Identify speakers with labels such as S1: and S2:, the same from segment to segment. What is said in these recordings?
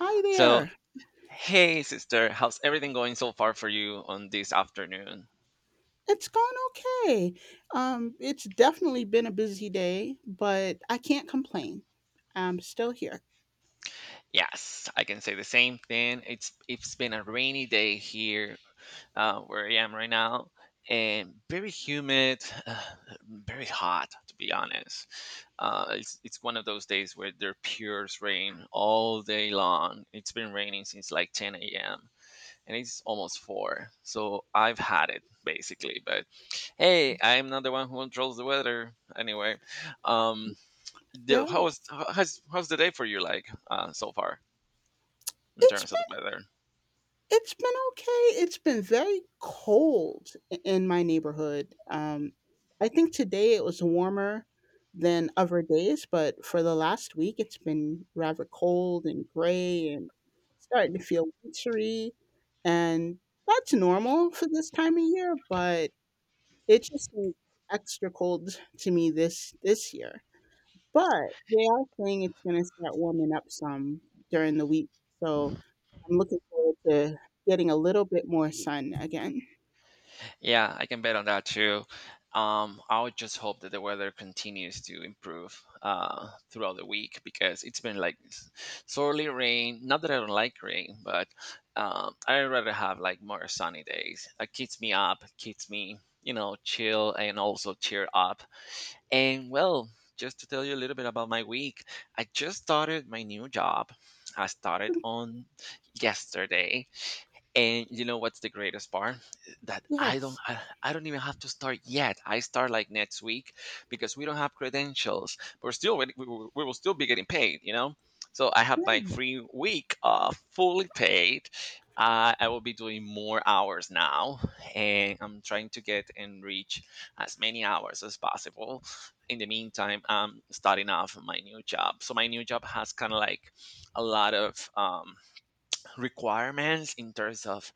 S1: Hi
S2: So,
S1: there.
S2: hey sister, how's everything going so far for you on this afternoon?
S1: It's gone okay. It's definitely been a busy day, but I can't complain. I'm still here.
S2: Yes, I can say the same thing. It's been a rainy day here, where I am right now, and very humid, very hot to be honest. It's one of those days where there pures rain all day long. It's been raining since like 10 a.m. and it's almost four. So I've had it basically. But hey, I'm not the one who controls the weather anyway. Um, the,
S1: Yeah.
S2: how was how's how's the day for you like, so far in
S1: It's
S2: terms of
S1: been
S2: the weather?
S1: it's been okay. It's been very cold in my neighborhood. I think today it was warmer than other days, but for the last week it's been rather cold and gray and starting to feel wintry. And that's normal for this time of year, but it just seemed extra cold to me this year. But they are saying it's going to start warming up some during the week. So I'm looking forward to getting a little bit more sun again.
S2: Yeah, I can bet on that too. I would just hope that the weather continues to improve, throughout the week because it's been like sorely rain. Not that I don't like rain, but I'd rather have like more sunny days. It keeps me up, it keeps me, chill and also cheer up. And well, just to tell you a little bit about my week, I just started my new job. I started on yesterday, and you know what's the greatest part? that i don't
S1: Yes.
S2: I, I don't even have to start yet. I start like next week because we don't have credentials, but we're still waiting- we will still be getting paid. So I have my
S1: Yeah.
S2: free week, fully paid. I will be doing more hours now, and I'm trying to get and reach as many hours as possible. In the meantime, I'm starting off my new job, so my new job has kind of like a lot of requirements in terms of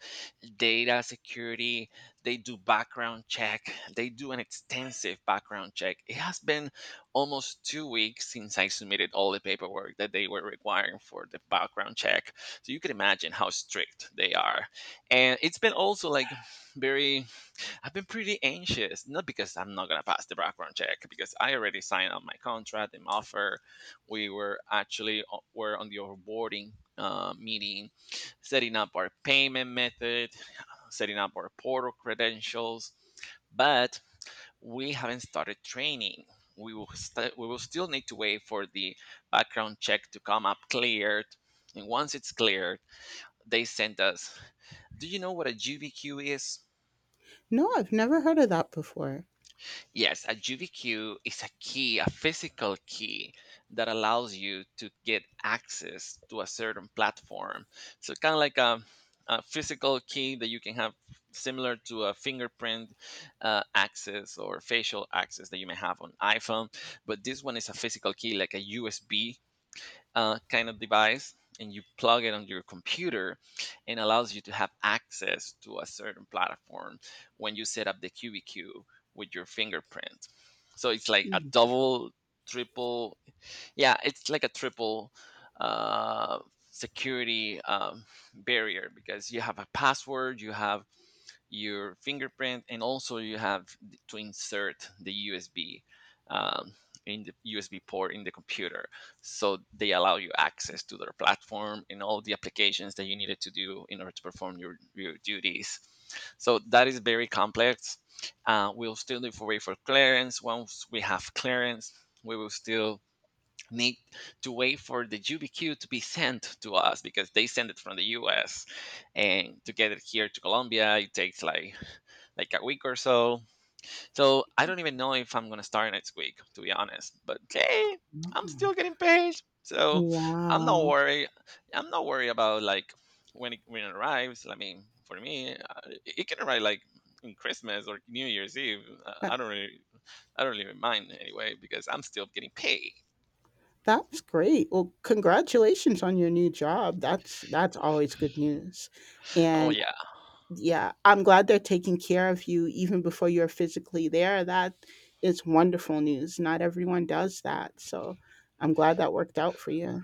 S2: data security. They do background check. They do an extensive background check. It has been almost 2 weeks since I submitted all the paperwork that they were requiring for the background check. So you can imagine how strict they are. And it's been also like very, I've been pretty anxious, not because I'm not gonna pass the background check, because I already signed on my contract and offer. We were actually were on the onboarding, meeting, setting up our payment method, setting up our portal credentials, but we haven't started training. We will still need to wait for the background check to come up cleared, and once it's cleared, they send us. Do you know what a GBQ is?
S1: No, I've never heard of that before.
S2: Yes, a GBQ is a key, a physical key that allows you to get access to a certain platform. So kind of like a physical key that you can have, similar to a fingerprint, access or facial access that you may have on iPhone. But this one is a physical key, like a USB, kind of device, and you plug it on your computer and allows you to have access to a certain platform when you set up the QBQ with your fingerprint. So it's like a
S1: Mm.
S2: double, triple, yeah, it's like a triple, uh, security barrier, because you have a password, you have your fingerprint, and also you have to insert the USB, um, in the USB port in the computer. So they allow you access to their platform and all the applications that you needed to do in order to perform your duties. So that is very complex. We'll still need to wait for clearance. Once we have clearance, we will still need to wait for the UBQ to be sent to us because they send it from the US, and to get it here to Colombia, it takes like a week or so. So I don't even know if I'm gonna start next week, to be honest. But hey, I'm
S1: Wow.
S2: still getting paid, so I'm not
S1: Wow.
S2: worried. I'm not worried about like when it arrives. I mean, for me, it can arrive like in Christmas or New Year's Eve. Uh, I
S1: That,
S2: don't really, I don't really mind anyway because I'm still getting paid.
S1: that's great. Well, congratulations on your new job. That's always good news.
S2: Oh
S1: And yeah, I'm glad they're taking care of you even before you're physically there. That is wonderful news. Not everyone does that. So I'm glad that worked out for you.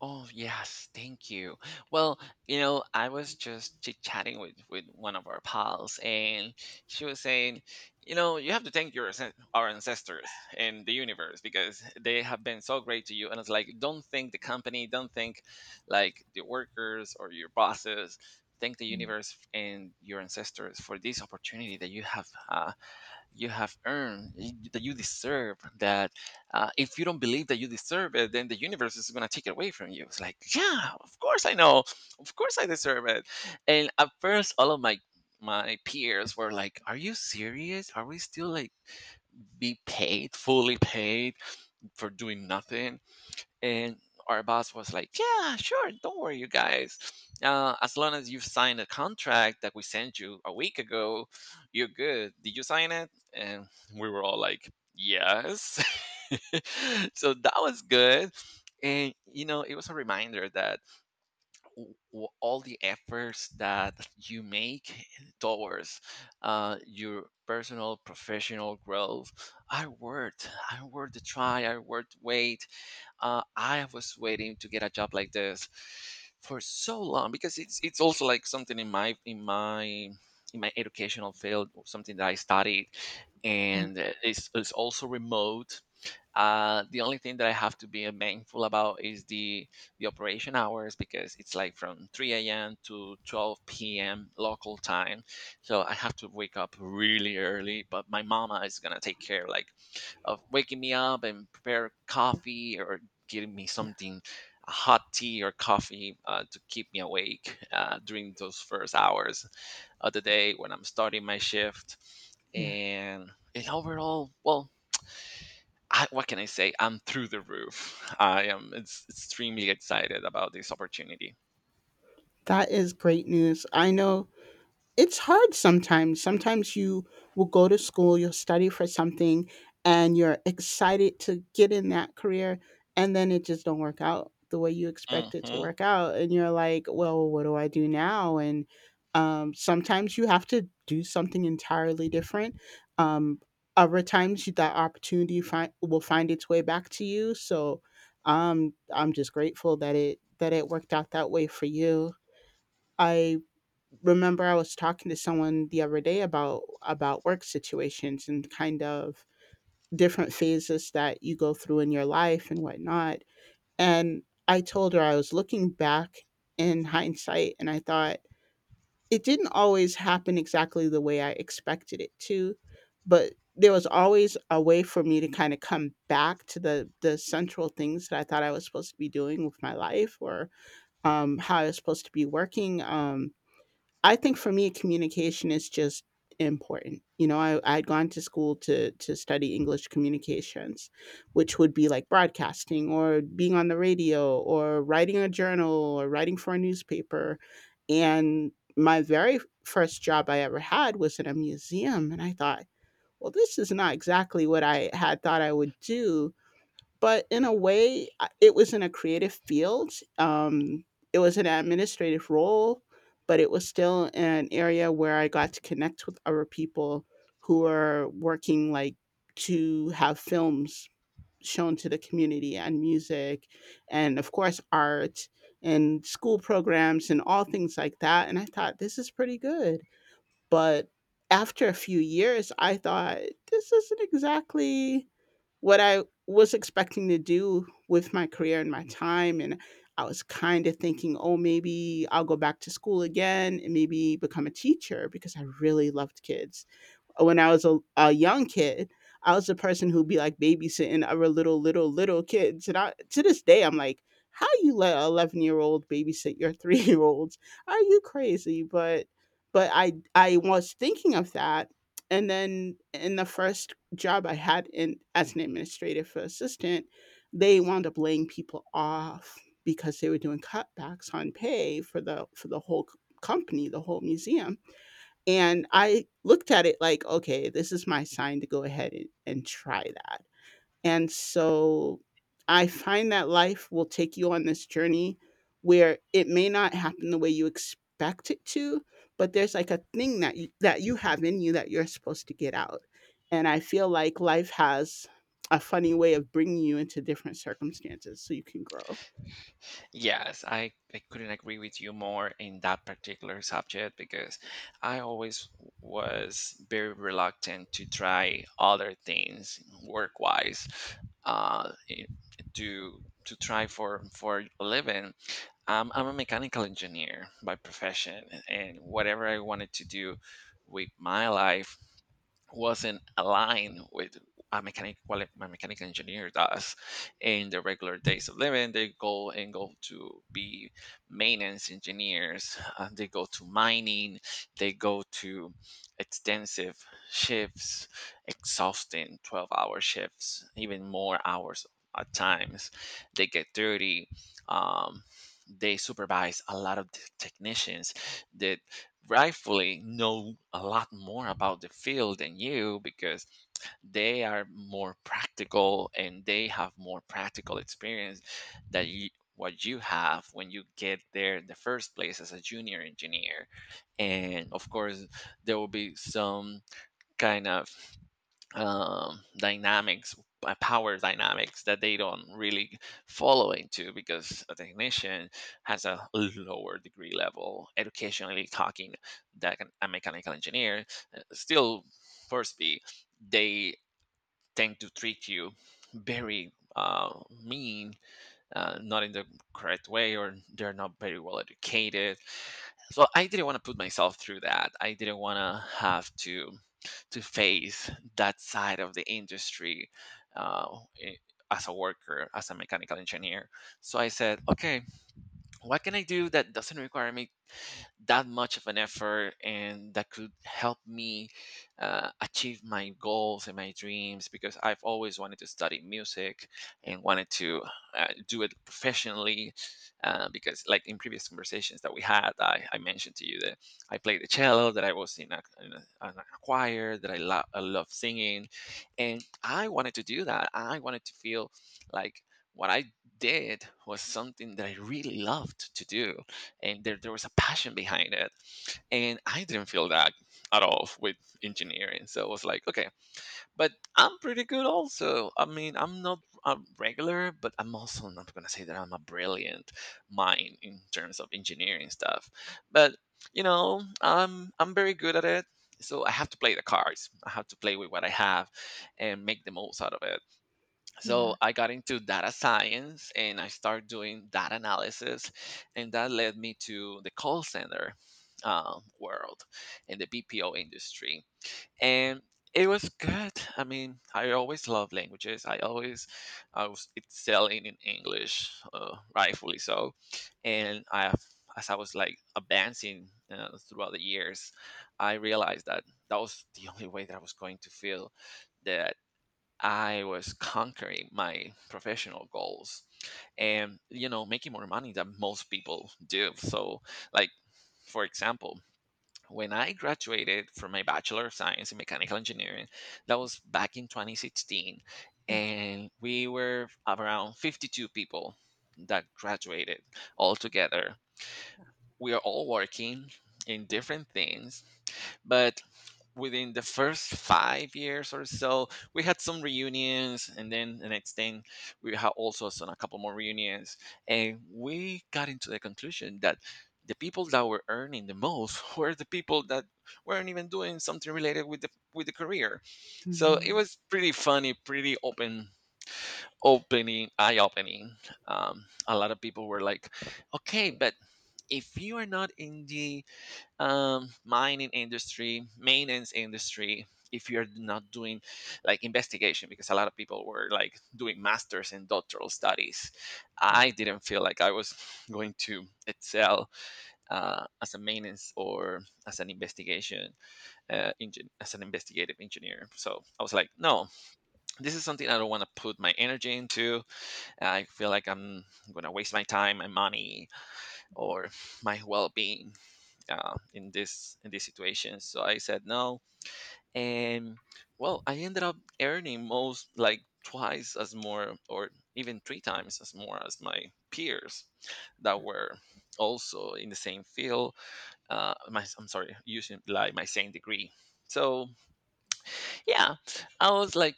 S2: Oh, yes, thank you. Well, I was just chit-chatting with one of our pals, and she was saying, you have to thank your our ancestors and the universe because they have been so great to you. And it's like, don't thank the company, don't thank like the workers or your bosses. Thank the universe and your ancestors for this opportunity that you have. You have earned that you deserve that. If you don't believe that you deserve it, then the universe is going to take it away from you. It's like, yeah, of course I know, of course I deserve it. And at first all of my peers were like, are you serious? Are we still like be paid, fully paid, for doing nothing? And our boss was like, yeah, sure, don't worry, you guys, as long as you've signed a contract that we sent you a week ago, you're good. Did you sign it? And we were all like, yes. So that was good. And you know, it was a reminder that all the efforts that you make towards, your personal professional growth, are worth the try, are worth wait. I was waiting to get a job like this for so long because it's also like something in my educational field, or something that I studied.
S1: Yeah,
S2: And it's also remote. The only thing that I have to be mindful about is the operation hours, because it's like from 3 a.m. to 12 p.m. local time, so I have to wake up really early. But my mama is gonna take care, like, of waking me up and prepare
S1: yeah,
S2: coffee, or getting me
S1: yeah,
S2: something, a hot tea or coffee, to keep me awake, during those first hours of the day when I'm starting my shift.
S1: yeah.
S2: And and overall, well, what can I say, I'm through the roof. I am, it's, extremely excited about this opportunity.
S1: That is great news. I know it's hard sometimes. Sometimes you will go to school, you'll study for something, and you're excited to get in that career, and then it just don't work out the way you expect it to
S2: Hmm.
S1: work out, and you're like, "Well, what do I do now?" And sometimes you have to do something entirely different. Um, Other times, that opportunity will find its way back to you. So, I'm just grateful that it worked out that way for you. I remember I was talking to someone the other day about work situations and kind of different phases that you go through in your life and whatnot. And I told her I was looking back in hindsight and I thought it didn't always happen exactly the way I expected it to, but there was always a way for me to kind of come back to the central things that I thought I was supposed to be doing with my life or how I was supposed to be working. I think for me, communication is just important. You know, I'd gone to school to study English communications, which would be like broadcasting or being on the radio or writing a journal or writing for a newspaper. And my very first job I ever had was in a museum, and I thought, well, this is not exactly what I had thought I would do, but in a way, it was in a creative field. It was an administrative role, but it was still an area where I got to connect with other people who are working like to have films shown to the community and music and of course art and school programs and all things like that, and I thought this is pretty good. But after a few years, I thought, "This isn't exactly what I was expecting to do with my career and my time," and I was kinda thinking, "Oh, maybe I'll go back to school again and maybe become a teacher," because I really loved kids. When I was a young kid, I was the person who'd be like babysitting other little, little, little kids. And I, to this day, I'm like, how you let an 11-year-old babysit your 3 year olds? Are you crazy? But, I was thinking of that. And then in the first job I had in as an administrative assistant, they wound up laying people off because they were doing cutbacks on pay for the whole company, the whole museum, and I looked at it like, "Okay, this is my sign to go ahead and try that." And so I find that life will take you on this journey where it may not happen the way you expect it to, but there's, like, a thing that you have in you that you're supposed to get out. And I feel like life has a funny way of bringing you into different circumstances so you can grow.
S2: Yes, I couldn't agree with you more in that particular subject, because I always was very reluctant to try other things work wise, uh, i- to try for a living. I'm a mechanical engineer by profession, and whatever I wanted to do with my life wasn't aligned with my mechanical engineer does. In the regular days of living, they go and go to be maintenance engineers. They go to mining, they go to extensive shifts, exhausting 12-hour shifts, even more hours at times. They get dirty. um, they supervise a lot of technicians. The rightfully know a lot more about the field than you, because they are more practical and they have more practical experience that you, what you have when you get there in the first place as a junior engineer. And of course, there will be some kind of, dynamics, power dynamics that they don't really follow into, because a technician has a lower degree level, educationally talking, that a mechanical engineer, still first be, they tend to treat you very, mean, not in the correct way, or they're not very well educated. So I didn't want to put myself through that. I didn't want to have to face that side of the industry, uh, i- as a worker, as a mechanical engineer. So I said, okay, what can I do that doesn't require me that much of an effort and that could help me, achieve my goals and my dreams, because I've always wanted to study music and wanted to, do it professionally. Because, like in previous conversations that we had, I mentioned to you that I played the cello, that I was in a choir, that I love singing. And I wanted to do that. I wanted to feel like what I did was something that I really loved to do, and there was a passion behind it. And I didn't feel that at all with engineering. So I was like, okay, but I'm pretty good. Also, I mean, I'm not a regular, but I'm also not going to say that I'm a brilliant mind in terms of engineering stuff. But you know, I'm very good at it, so I have to play the cards I have to play with what I have and make the most out of it. So
S1: Yeah.
S2: I got into data science and I started doing data analysis, and that led me to the call center world and the BPO industry. And it was good. I mean, I always love languages. I always, I was excelling in English, rightfully so. And I have, as I was like advancing throughout the years, I realized that that was the only way that I was going to feel the, I was conquering my professional goals and you know, making more money than most people do. So like, for example, when I graduated from my Bachelor of Science in Mechanical Engineering, that was back in 2016, and we were around 52 people that graduated all together. We are all working in different things, but within the first 5 years or so, we had some reunions, and then the next thing, we had also some, a couple more reunions, and we got into the conclusion that the people that were earning the most were the people that weren't even doing something related with the career. So it
S1: Mhm.
S2: was pretty funny, pretty open, opening, eye opening A lot of people were like, okay, but if you are not in the mining industry, maintenance industry, if you're not doing like investigation, because a lot of people were like doing masters and doctoral studies, I didn't feel like I was going to excel as a maintenance or as an investigation as an investigative engineer. So I was like, no, this is something I don't want to put my energy into. I feel like I'm gonna waste my time, my money, or my well-being in this situation. So I said no, and well, I ended up earning most like twice as more, or even three times as more as my peers that were also in the same field. My I'm sorry, using like my same degree. So yeah, I was like,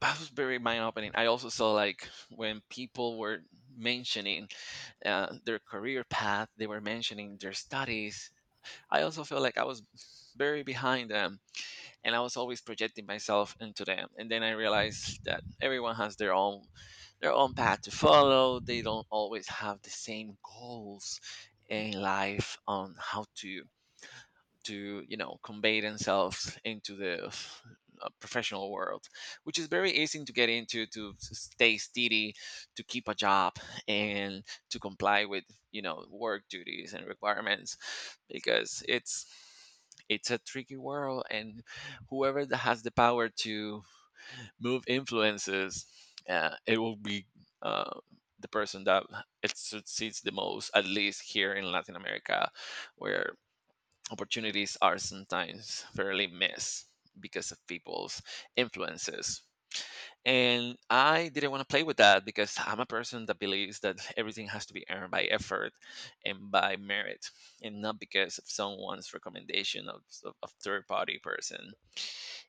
S2: that was very mind opening. I also saw like when people were mentioning their career path, they were mentioning their studies. I also feel like I was very behind them, and I was always projecting myself into them. And then I realized that everyone has their own, their own path to follow. They don't always have the same goals in life on how to you know, convey themselves into the professional world, which is very easy to get into, to stay steady, to keep a job, and to comply with you know, work duties and requirements. Because it's a tricky world, and whoever that has the power to move influences, it will be uh, the person that it succeeds the most, at least here in Latin America, where opportunities are sometimes fairly missed because of people's influences. And I didn't want to play with that because I'm a person that believes that everything has to be earned by effort and by merit, and not because of someone's recommendation of, of third party person.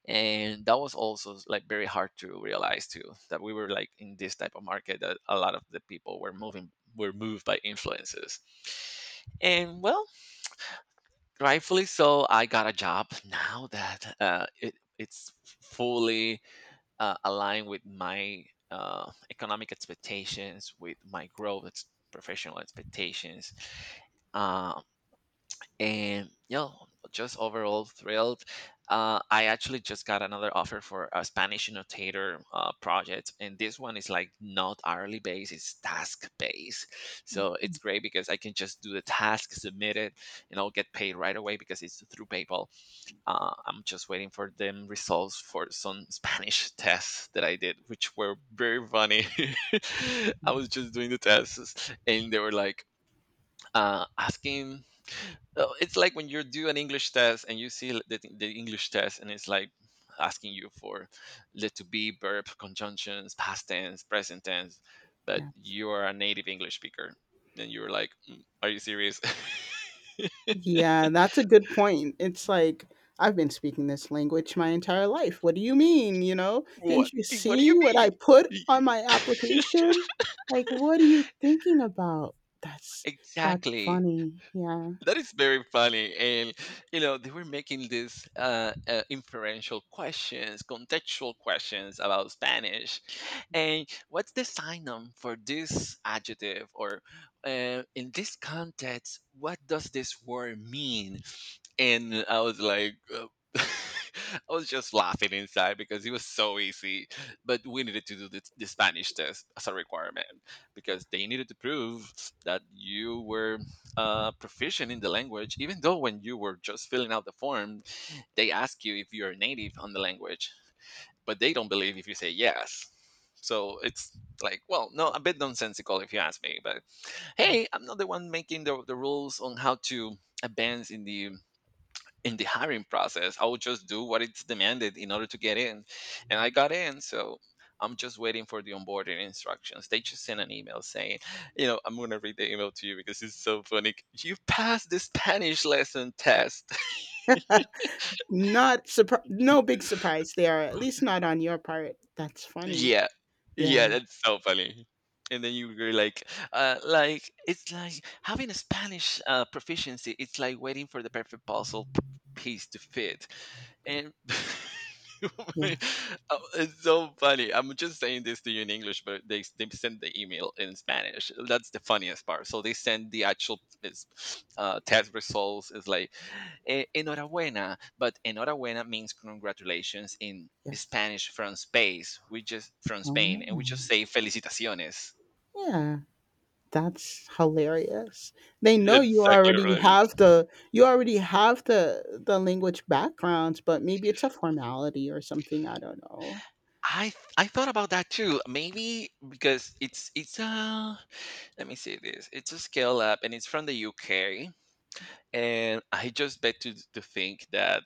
S2: And that was also like very hard to realize too, that we were like in this type of market that a lot of the people were moving, were moved by influences. And well, rightfully so, I got a job now that it's fully aligned with my economic expectations, with my growth ex-, professional expectations. Uh, and yeah, just overall thrilled. I actually just got another offer for a Spanish annotator project, and this one is like not hourly based, it's task based. So it's great because I can just do the task, submit it, and I'll get paid right away because it's through PayPal. I'm just waiting for them results for some Spanish tests that I did, which were very funny. I was just doing the tests, and they were like asking, oh, it's like when you do an English test and you see the English test, and it's like asking you for let to be verb conjunctions, past tense, present tense, but
S1: Yeah.
S2: you are a native English speaker, and you're like, "Mm, are you serious?
S1: Yeah, that's a good point. It's like, I've been speaking this language my entire life. What do you mean? You know,
S2: what
S1: didn't you
S2: what do
S1: see
S2: you
S1: what
S2: mean?
S1: I put on my application? Like, what are you thinking about? That's that's
S2: Exactly."
S1: funny. Yeah.
S2: That is very funny. And you know, they were making these inferential questions, contextual questions about Spanish, and what's the synonym for this adjective, or in this context, what does this word mean? And I was like, I was just laughing inside because it was so easy. But we needed to do the Spanish test as a requirement because they needed to prove that you were proficient in the language, even though when you were just filling out the form, they ask you if you're native on the language, but they don't believe if you say yes. So it's like, well, no, a bit nonsensical if you ask me. But
S1: Yeah.
S2: hey, I'm not the one making the rules on how to advance in the, in the hiring process. I will just do what it's demanded in order to get in. And I got in. So I'm just waiting for the onboarding instructions. They just sent an email saying, you know, I'm going to read the email to you because it's so funny. You passed the Spanish lesson test.
S1: Not no big surprise there, at least not on your part. That's funny.
S2: Yeah. Yeah,
S1: Yeah,
S2: that's so funny. And then you were like it's like having a Spanish proficiency. It's like waiting for the perfect puzzle piece to fit. And
S1: yeah,
S2: oh, it's so funny. I'm just saying this to you in English, but they send the email in Spanish. That's the funniest part. So they send the actual test results. It's like, "Eh, enhorabuena," but enhorabuena means congratulations in
S1: yeah.
S2: Spanish. From space, we just, from
S1: Oh,
S2: Spain, and we
S1: wow.
S2: just say felicitaciones.
S1: Yeah. That's hilarious. They know
S2: Exactly, right.
S1: you already have the language backgrounds, but maybe it's a formality or something. I don't know.
S2: I I thought about that too. Maybe because it's let me see this. It's a scale up, and it's from the UK. And I just bet to think that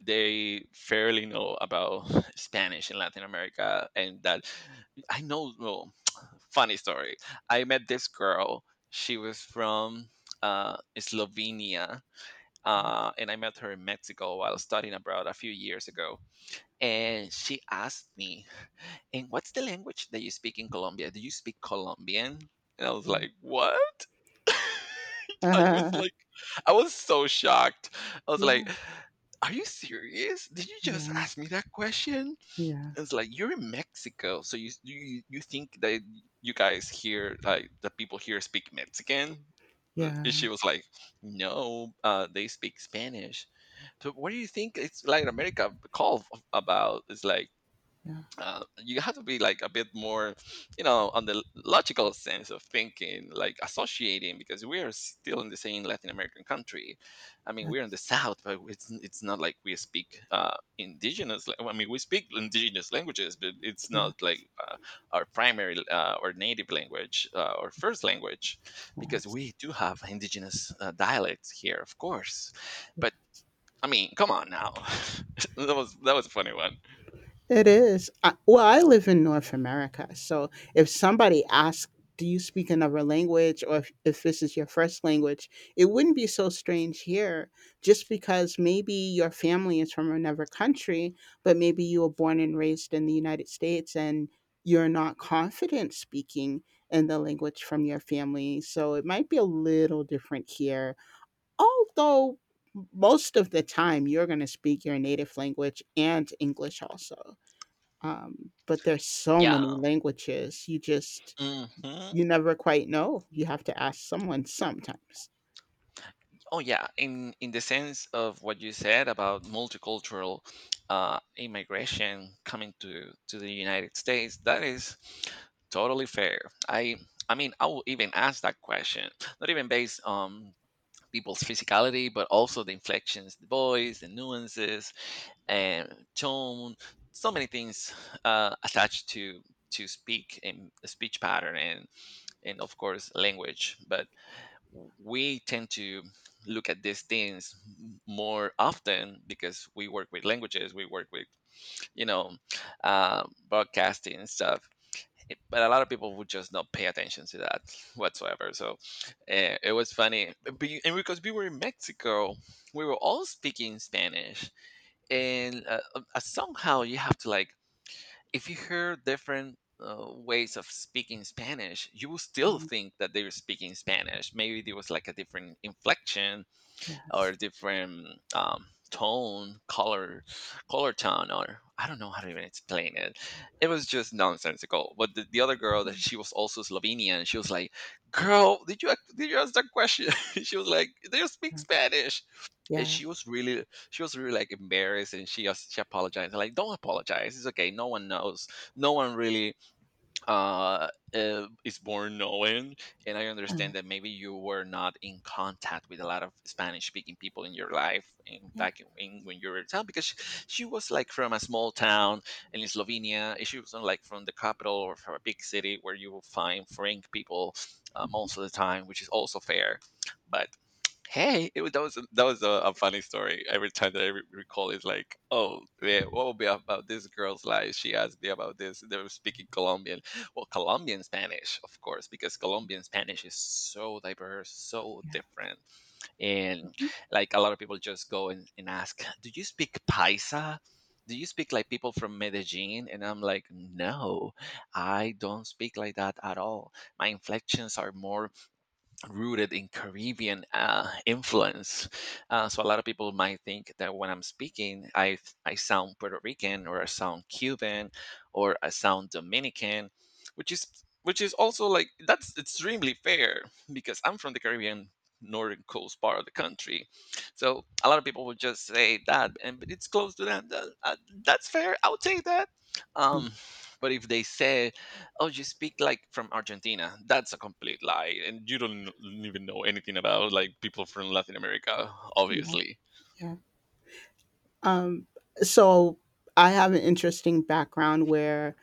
S2: they fairly know about Spanish in Latin America. And that, I know, well, funny story. I met this girl. She was from Slovenia,
S1: Yeah,
S2: and I met her in Mexico while studying abroad a few years ago. And she asked me, "And what's the language that you speak in Colombia? Do you speak Colombian?" And I was like, "What?" I was like, I was so shocked. I was
S1: yeah,
S2: like, "Are you serious? Did you just
S1: yeah,
S2: ask me that question?"
S1: yeah,
S2: It's like, you're in Mexico, so you think that you guys here, like the people here, speak Mexican?
S1: yeah,
S2: She was like, "No, they speak Spanish." So what do you think it's Latin America called about? It's like,
S1: yeah.
S2: you have to be like a bit more, you know, on the logical sense of thinking, like associating, because we are still in the same Latin American country. I mean, we're in the
S1: That's,
S2: south, but it's it's not like we speak indigenous. Well, I mean, we speak indigenous languages, but it's
S1: yeah.
S2: not like uh, our primary or native language or first language, because
S1: Yes.
S2: we do have indigenous dialects here, of course. But I mean, come on now. That was a funny one.
S1: It is. I, well, I live in North America, so if somebody asks, "Do you speak another language?" or if this is your first language, it wouldn't be so strange here, just because maybe your family is from another country, but maybe you were born and raised in the United States, and you're not confident speaking in the language from your family. So it might be a little different here, although most of the time you're going to speak your native language and English also. But there's so many
S2: Yeah.
S1: languages. You just
S2: Hmm.
S1: you never quite know. You have to ask someone sometimes.
S2: Oh yeah. In the sense of what you said about multicultural immigration coming to the United States, that is totally fair. I I mean, I will even ask that question, not even based on people's physicality, but also the inflections, the voice, the nuances, and tone. So many things attached to speak and a speech pattern and of course language, but we tend to look at these things more often because we work with languages, we work with you know, broadcasting and stuff. Eh, but a lot of people would just not pay attention to that whatsoever. So it was funny. And because we were in Mexico, we were all speaking Spanish. And somehow you have to like, if you hear different ways of speaking Spanish, you will still
S1: Mm.
S2: think that they're speaking Spanish. Maybe there was like a different inflection or
S1: Yes.
S2: different tone, color, color tone, or I don't know how to even explain it. It was just nonsensical. But the other girl that
S1: Mm.
S2: she was also Slovenian, she was like, "Girl, did you did you ask that question?" She was like, "They speak
S1: uh,
S2: Spanish." And
S1: Yeah.
S2: she was really like embarrassed, and she she apologized. I'm like, don't apologize. It's okay. No one knows. No one really is born knowing. And I understand
S1: Oh,
S2: that maybe you were not in contact with a lot of Spanish-speaking people in your life in,
S1: yeah.
S2: back in when you were in town, because she was like from a small town in Slovenia. And she was not like from the capital or from a big city where you will find Frank people most of the time, which is also fair. But hey, it was, that was that was a funny story. Every time that I recall, it's like, oh yeah, what will be about this girl's life? She asked me about this. They were speaking Colombian, well, Colombian Spanish, of course, because Colombian Spanish is so diverse, so different, and
S1: Mm.
S2: like a lot of people just go and ask, do you speak Paisa? Do you speak like people from Medellin? And I'm like, no, I don't speak like that at all. My inflections are more rooted in Caribbean influence. So a lot of people might think that when I'm speaking, I sound Puerto Rican or I sound Cuban or I sound Dominican, which is which is also like that's extremely fair because I'm from the Caribbean northern coast part of the country. So a lot of people would just say that, and but it's close to that. That's fair. I'll take that.
S1: Yeah.
S2: Um, but if they say, oh, you speak like from Argentina, that's a complete lie and you don't even know anything about like people from Latin America,
S1: Yeah.
S2: obviously.
S1: Yeah. Um, so I have an interesting background where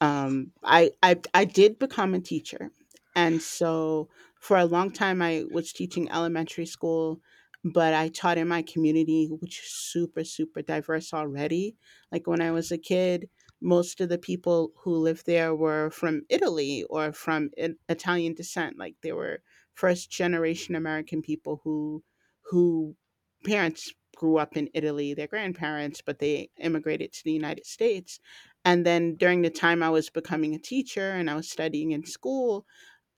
S1: I did become a teacher, and so for a long time I was teaching elementary school, but I taught in my community, which is super super diverse already. Like when I was a kid, most of the people who lived there were from Italy or from Italian descent. Like they were first generation American people who parents grew up in Italy, their grandparents, but they immigrated to the United States, and then during the time I was becoming a teacher and I was studying in school,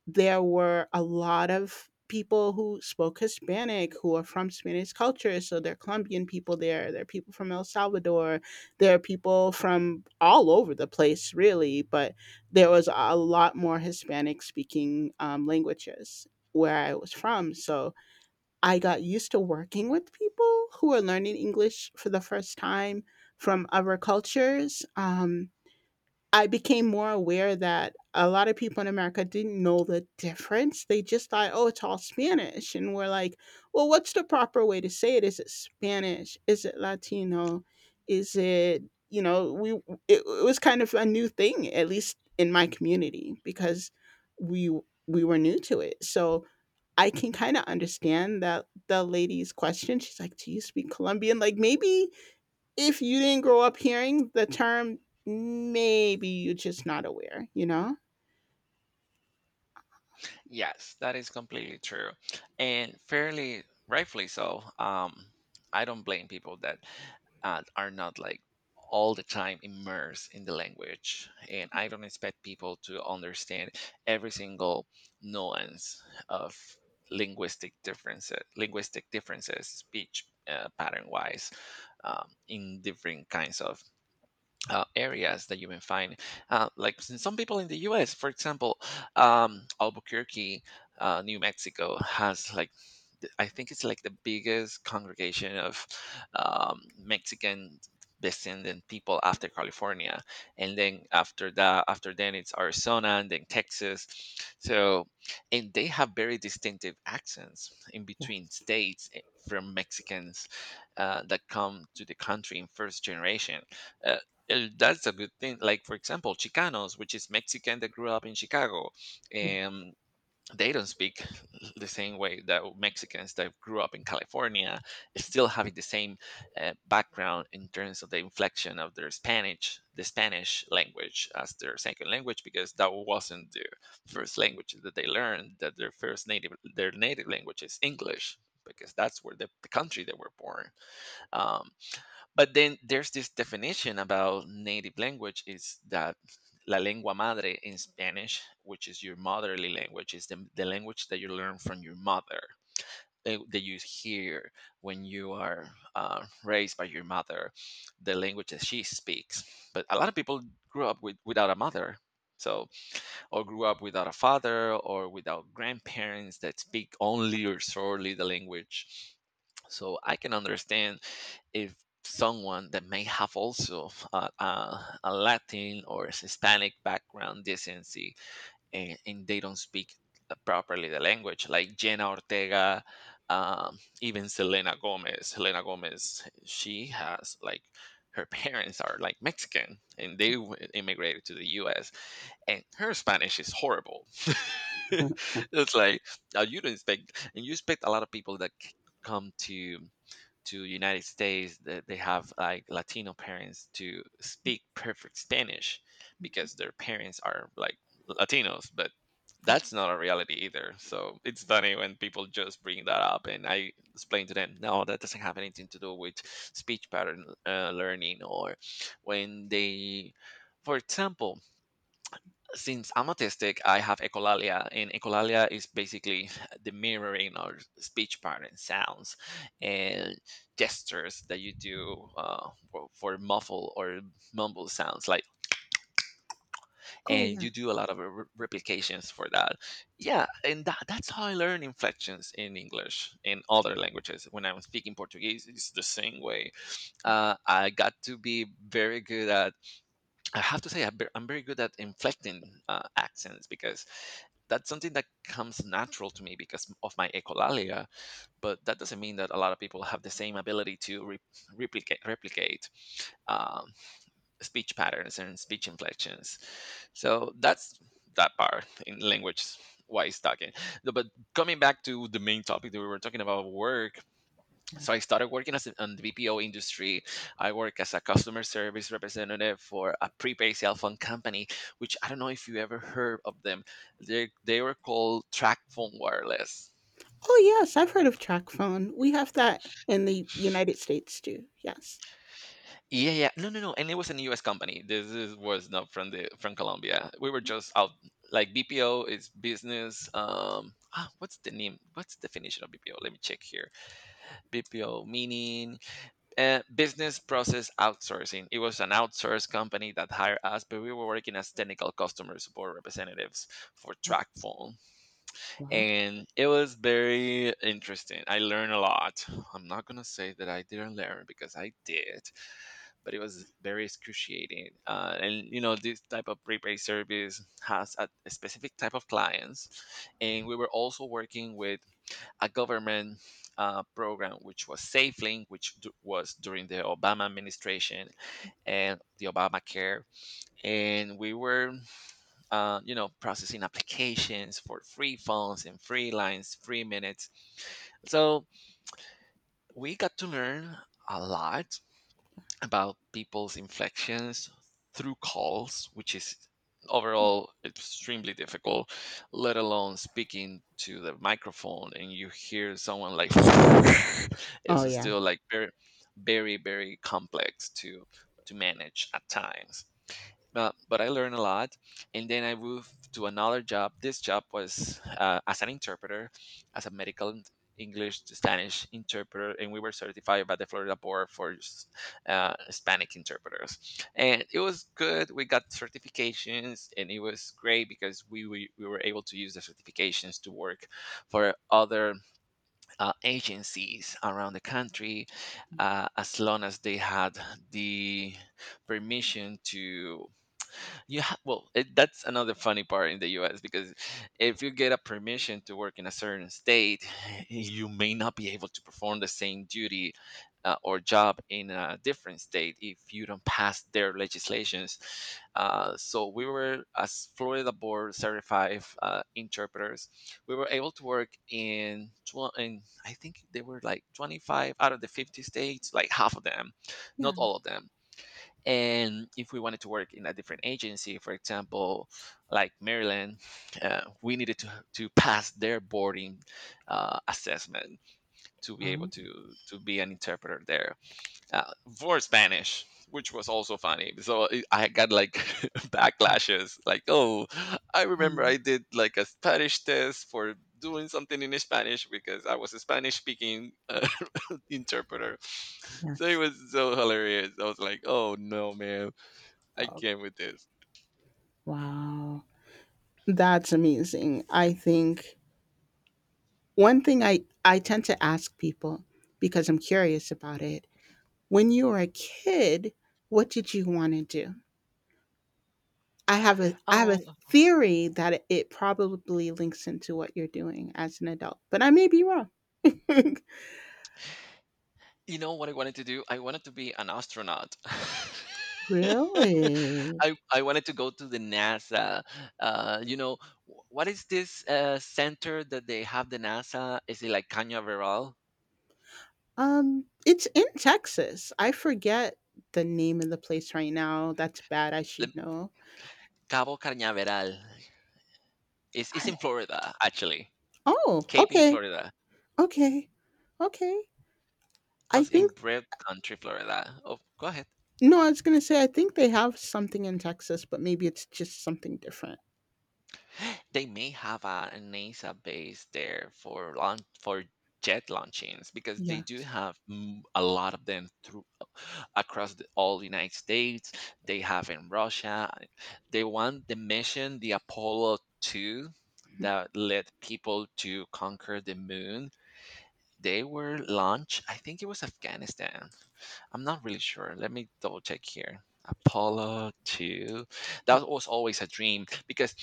S1: there were a lot of people who spoke Hispanic who are from Spanish culture. So there are Colombian people there, there are people from El Salvador, there are people from all over the place, really. But there was a lot more Hispanic speaking languages where I was from. So I got used to working with people who are learning English for the first time from other cultures. I became more aware that a lot of people in America didn't know the difference. They just thought, oh, it's all Spanish. And we're like, well, what's the proper way to say it? Is it Spanish? Is it Latino? Is it, you know, it was kind of a new thing, at least in my community, because we, we were new to it. So I can kind of understand that the lady's question. She's like, do you speak Colombian? Like maybe if you didn't grow up hearing the term, maybe you're just not aware, you know?
S2: Yes, that is completely true. And fairly rightfully so. I don't blame people that are not like all the time immersed in the language. And I don't expect people to understand every single nuance of linguistic differences, speech pattern wise, in different kinds of areas that you can find. Like some people in the U.S., for example, Albuquerque, New Mexico has like I think it's like the biggest congregation of Mexican descendant people after California, and then after that, after then it's Arizona and then Texas. So, and they have very distinctive accents in between
S1: Yes.
S2: states from Mexicans that come to the country in first generation. Uh, that's a good thing. Like for example, Chicanos, which is Mexican that grew up in Chicago,
S1: Yeah.
S2: and they don't speak the same way that Mexicans that grew up in California, still having the same background in terms of the inflection of their Spanish, the Spanish language as their second language, because that wasn't the first language that they learned. That their first native, their native language is English, because that's where the country they were born. um, but then there's this definition about native language is that la lengua madre in Spanish, which is your motherly language, is the language that you learn from your mother, that you hear when you are raised by your mother, the language that she speaks. But a lot of people grew up with, without a mother, so, or grew up without a father or without grandparents that speak only or solely the language. So I can understand if someone that may have also a Latin or Hispanic background decency, and they don't speak properly the language, like Jenna Ortega, even Selena Gomez. Selena Gomez, she has like her parents are like Mexican and they immigrated to the U.S. and her Spanish is horrible. It's like you don't expect, and you expect a lot of people that come to United States that they have like Latino parents to speak perfect Spanish because their parents are like Latinos, but
S1: Yeah.
S2: that's not a reality either. So it's funny when people just bring that up, and I explain to them, no, that doesn't have anything to do with speech pattern learning, or when they, for example, since I'm autistic, I have echolalia, and echolalia is basically the mirroring or speech pattern sounds and gestures that you do for muffle or mumble sounds. Like,
S1: Oh,
S2: and
S1: yeah.
S2: you do a lot of replications for that. Yeah, and that's how I learn inflections in English in other languages. When I'm speaking Portuguese, it's the same way. I got to be very good at I have to say I'm I'm very good at inflecting accents because that's something that comes natural to me because of my echolalia. But that doesn't mean that a lot of people have the same ability to replicate um, speech patterns and speech inflections. So that's that part in language wise talking. No, but coming back to the main topic that we were talking about work, so I started working as a, on the BPO industry. I work as a customer service representative for a prepaid cell phone company, which I don't know if you ever heard of them. They were called Track Wireless.
S1: Oh, yes. I've heard of track phone. We have that in the United States too. Yes.
S2: Yeah, yeah, no, no, no, and it was a U.S. company. This is, was not from the from Colombia. We were just out like BPO is business. Ah, what's the name? What's the definition of BPO? Let me check here. BPO meaning business process outsourcing. It was an outsourced company that hired us, but we were working as technical customer support representatives for TrackPhone.
S1: Wow.
S2: And it was very interesting. I learned a lot. I'm not going to say that I didn't learn because I did, but it was very excruciating. And, you know, this type of prepaid service has a specific type of clients. And we were also working with a government program which was SafeLink, which was during the Obama administration and the Obamacare. And we were, you know, processing applications for free phones and free lines, free minutes. So we got to learn a lot about people's inflections through calls, which is overall extremely difficult, let alone speaking to the microphone and you hear someone like
S1: Oh,
S2: it's
S1: yeah.
S2: still like very complex to manage at times, but I learned a lot. And then I moved to another job. This job was as an interpreter, as a medical English to Spanish interpreter, and we were certified by the Florida Board for Hispanic interpreters. And it was good. We got certifications, and it was great because we were able to use the certifications to work for other agencies around the country as long as they had the permission to you have well it, that's another funny part in the US because if you get a permission to work in a certain state you may not be able to perform the same duty or job in a different state if you don't pass their legislations, so we were as Florida Board certified interpreters we were able to work in, in I think they were like 25 out of the 50 states, like half of them, not
S1: Yeah.
S2: all of them. And if we wanted to work in a different agency, for example, like Maryland, we needed to pass their boarding assessment to be able
S1: Oh,
S2: to be an interpreter there, uh, for Spanish, which was also funny. So I got like
S1: okay.
S2: backlashes like, oh, I remember I
S1: um,
S2: did like a Spanish test for doing something in Spanish because I was a Spanish speaking interpreter. So it
S1: yes.
S2: was so hilarious. I was like, oh no man, I
S1: Oh,
S2: came with this.
S1: wow. That's amazing. I think one thing I tend to ask people because I'm curious about it, when you were a kid, what did you want to do? I have a
S2: Oh,
S1: theory that it probably links into what you're doing as an adult, but I may be wrong.
S2: you know what I wanted to do? I wanted to be an astronaut.
S1: Really?
S2: I wanted to go to the NASA. You know, what is this center that they have the NASA? Is it like Cañaveral?
S1: It's in Texas. I forget the name of the place right now. That's bad. I
S2: Le-
S1: should know.
S2: Cabo Cañaveral. It's in Florida, actually.
S1: Oh,
S2: Cape in
S1: okay.
S2: Florida.
S1: Okay. Okay.
S2: I
S1: I
S2: was in
S1: think
S2: Brave Country, Florida. Oh, go ahead.
S1: no, I was going to say I think they have something in Texas, but maybe it's just something different.
S2: They may have a NASA base there for launch for jet launchings because they
S1: Yeah.
S2: do have a lot of them through across the, all the United States. They have in Russia. They want the mission, the Apollo two, that led people to conquer the moon. They were launched. I think it was Afghanistan. I'm not really sure. Let me double check here. Apollo 2. That was always a dream because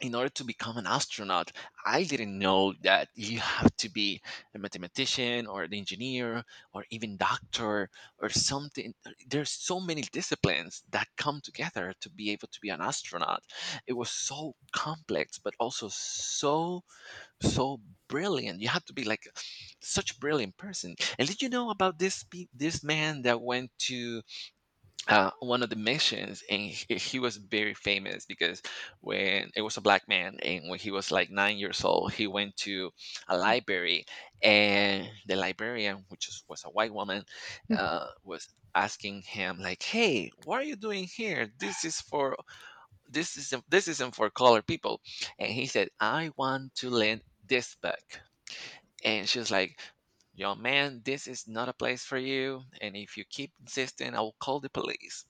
S2: in order to become an astronaut, I didn't know that you have to be a mathematician or an engineer or even doctor or something. There's so many disciplines that come together to be able to be an astronaut. It was so complex, but also so brilliant. You have to be like such a brilliant person. And did you know about this man that went to one of the missions, and he was very famous because when it was a black man, and when he was like 9 years old, he went to a library, and the librarian, which is, was a white woman,
S1: Mm,
S2: was asking him like, "Hey, what are you doing here? This is for this isn't for colored people," and he said, "I want to lend this book," and she was like. Young man, this is not a place for you. And if you keep insisting, I will call the police.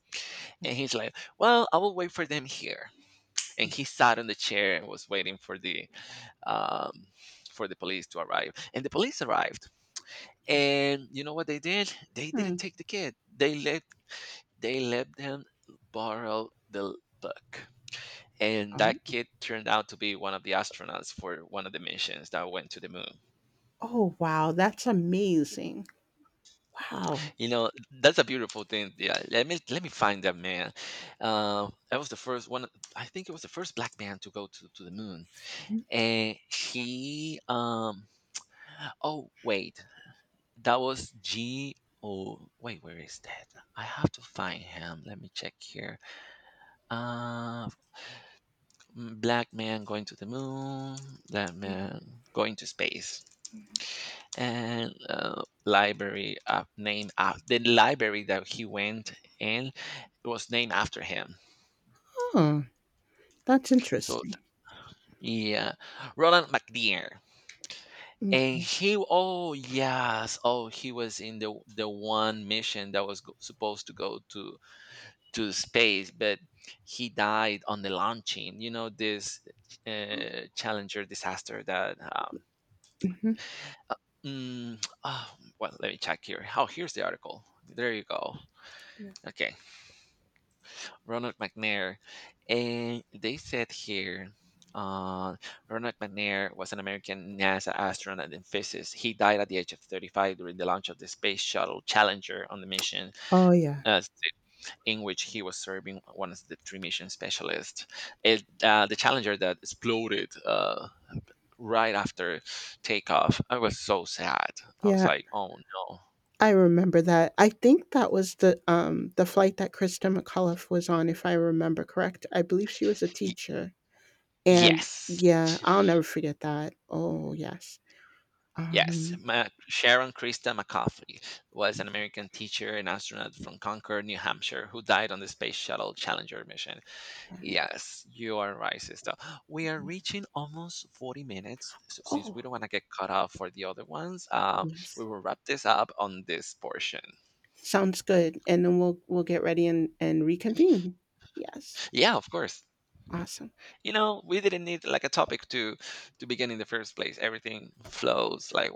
S1: mm,
S2: And he's like, "Well, I will wait for them here." And he sat on the chair and was waiting um, for the police to arrive. And the police arrived. And you know what they did? They didn't
S1: mm.
S2: take the kid. They let them borrow the book. And that
S1: Oh,
S2: kid turned out to be one of the astronauts for one of the missions that went to the moon.
S1: oh wow, that's amazing. Wow.
S2: You know, that's a beautiful thing. Yeah, let me find that man. That was the first one. I think it was the first black man to go to the moon, and he oh wait, that was G, oh wait, where is that? I have to find him, let me check here. uh Black man going to the moon, black man going to space, and library named the library that he went in was named after him.
S1: Oh, that's
S2: So
S1: interesting.
S2: yeah, Roland McDear.
S1: Mm.
S2: And he, oh yes, oh he was in the one mission that was go, supposed to go to space, but he died on the launching. You know this Challenger disaster that
S1: Mhm.
S2: oh, well let me check here, oh here's the article, there you go.
S1: Yeah.
S2: Okay, Ronald McNair, and they said here, uh, Ronald McNair was an American NASA astronaut and physicist. He died at the age of 35 during the launch of the Space Shuttle Challenger on the mission,
S1: Oh, yeah.
S2: uh, in which he was serving one of the three mission specialists. It, the Challenger that exploded right after takeoff. I was so sad. I was
S1: Yeah,
S2: like, oh no.
S1: I remember that. I think that was the flight that Krista McAuliffe was on, if I remember correct. I believe she was a
S2: Y-
S1: teacher, and
S2: yes.
S1: yeah, I'll never forget that. Oh, yes.
S2: Yes,
S1: Um,
S2: Sharon Krista McCaffrey was an American teacher and astronaut from Concord, New Hampshire, who died on the Space Shuttle Challenger mission. Yes, you are right, sister. We are reaching almost 40 minutes. So, since we
S1: oh,
S2: don't want to get cut off for the other ones, we
S1: yes.
S2: will wrap this up on this portion.
S1: Sounds good. And then we'll get ready and reconvene. Yes.
S2: Yeah, of course.
S1: Awesome.
S2: You know, we didn't need like a topic to begin in the first place. Everything flows like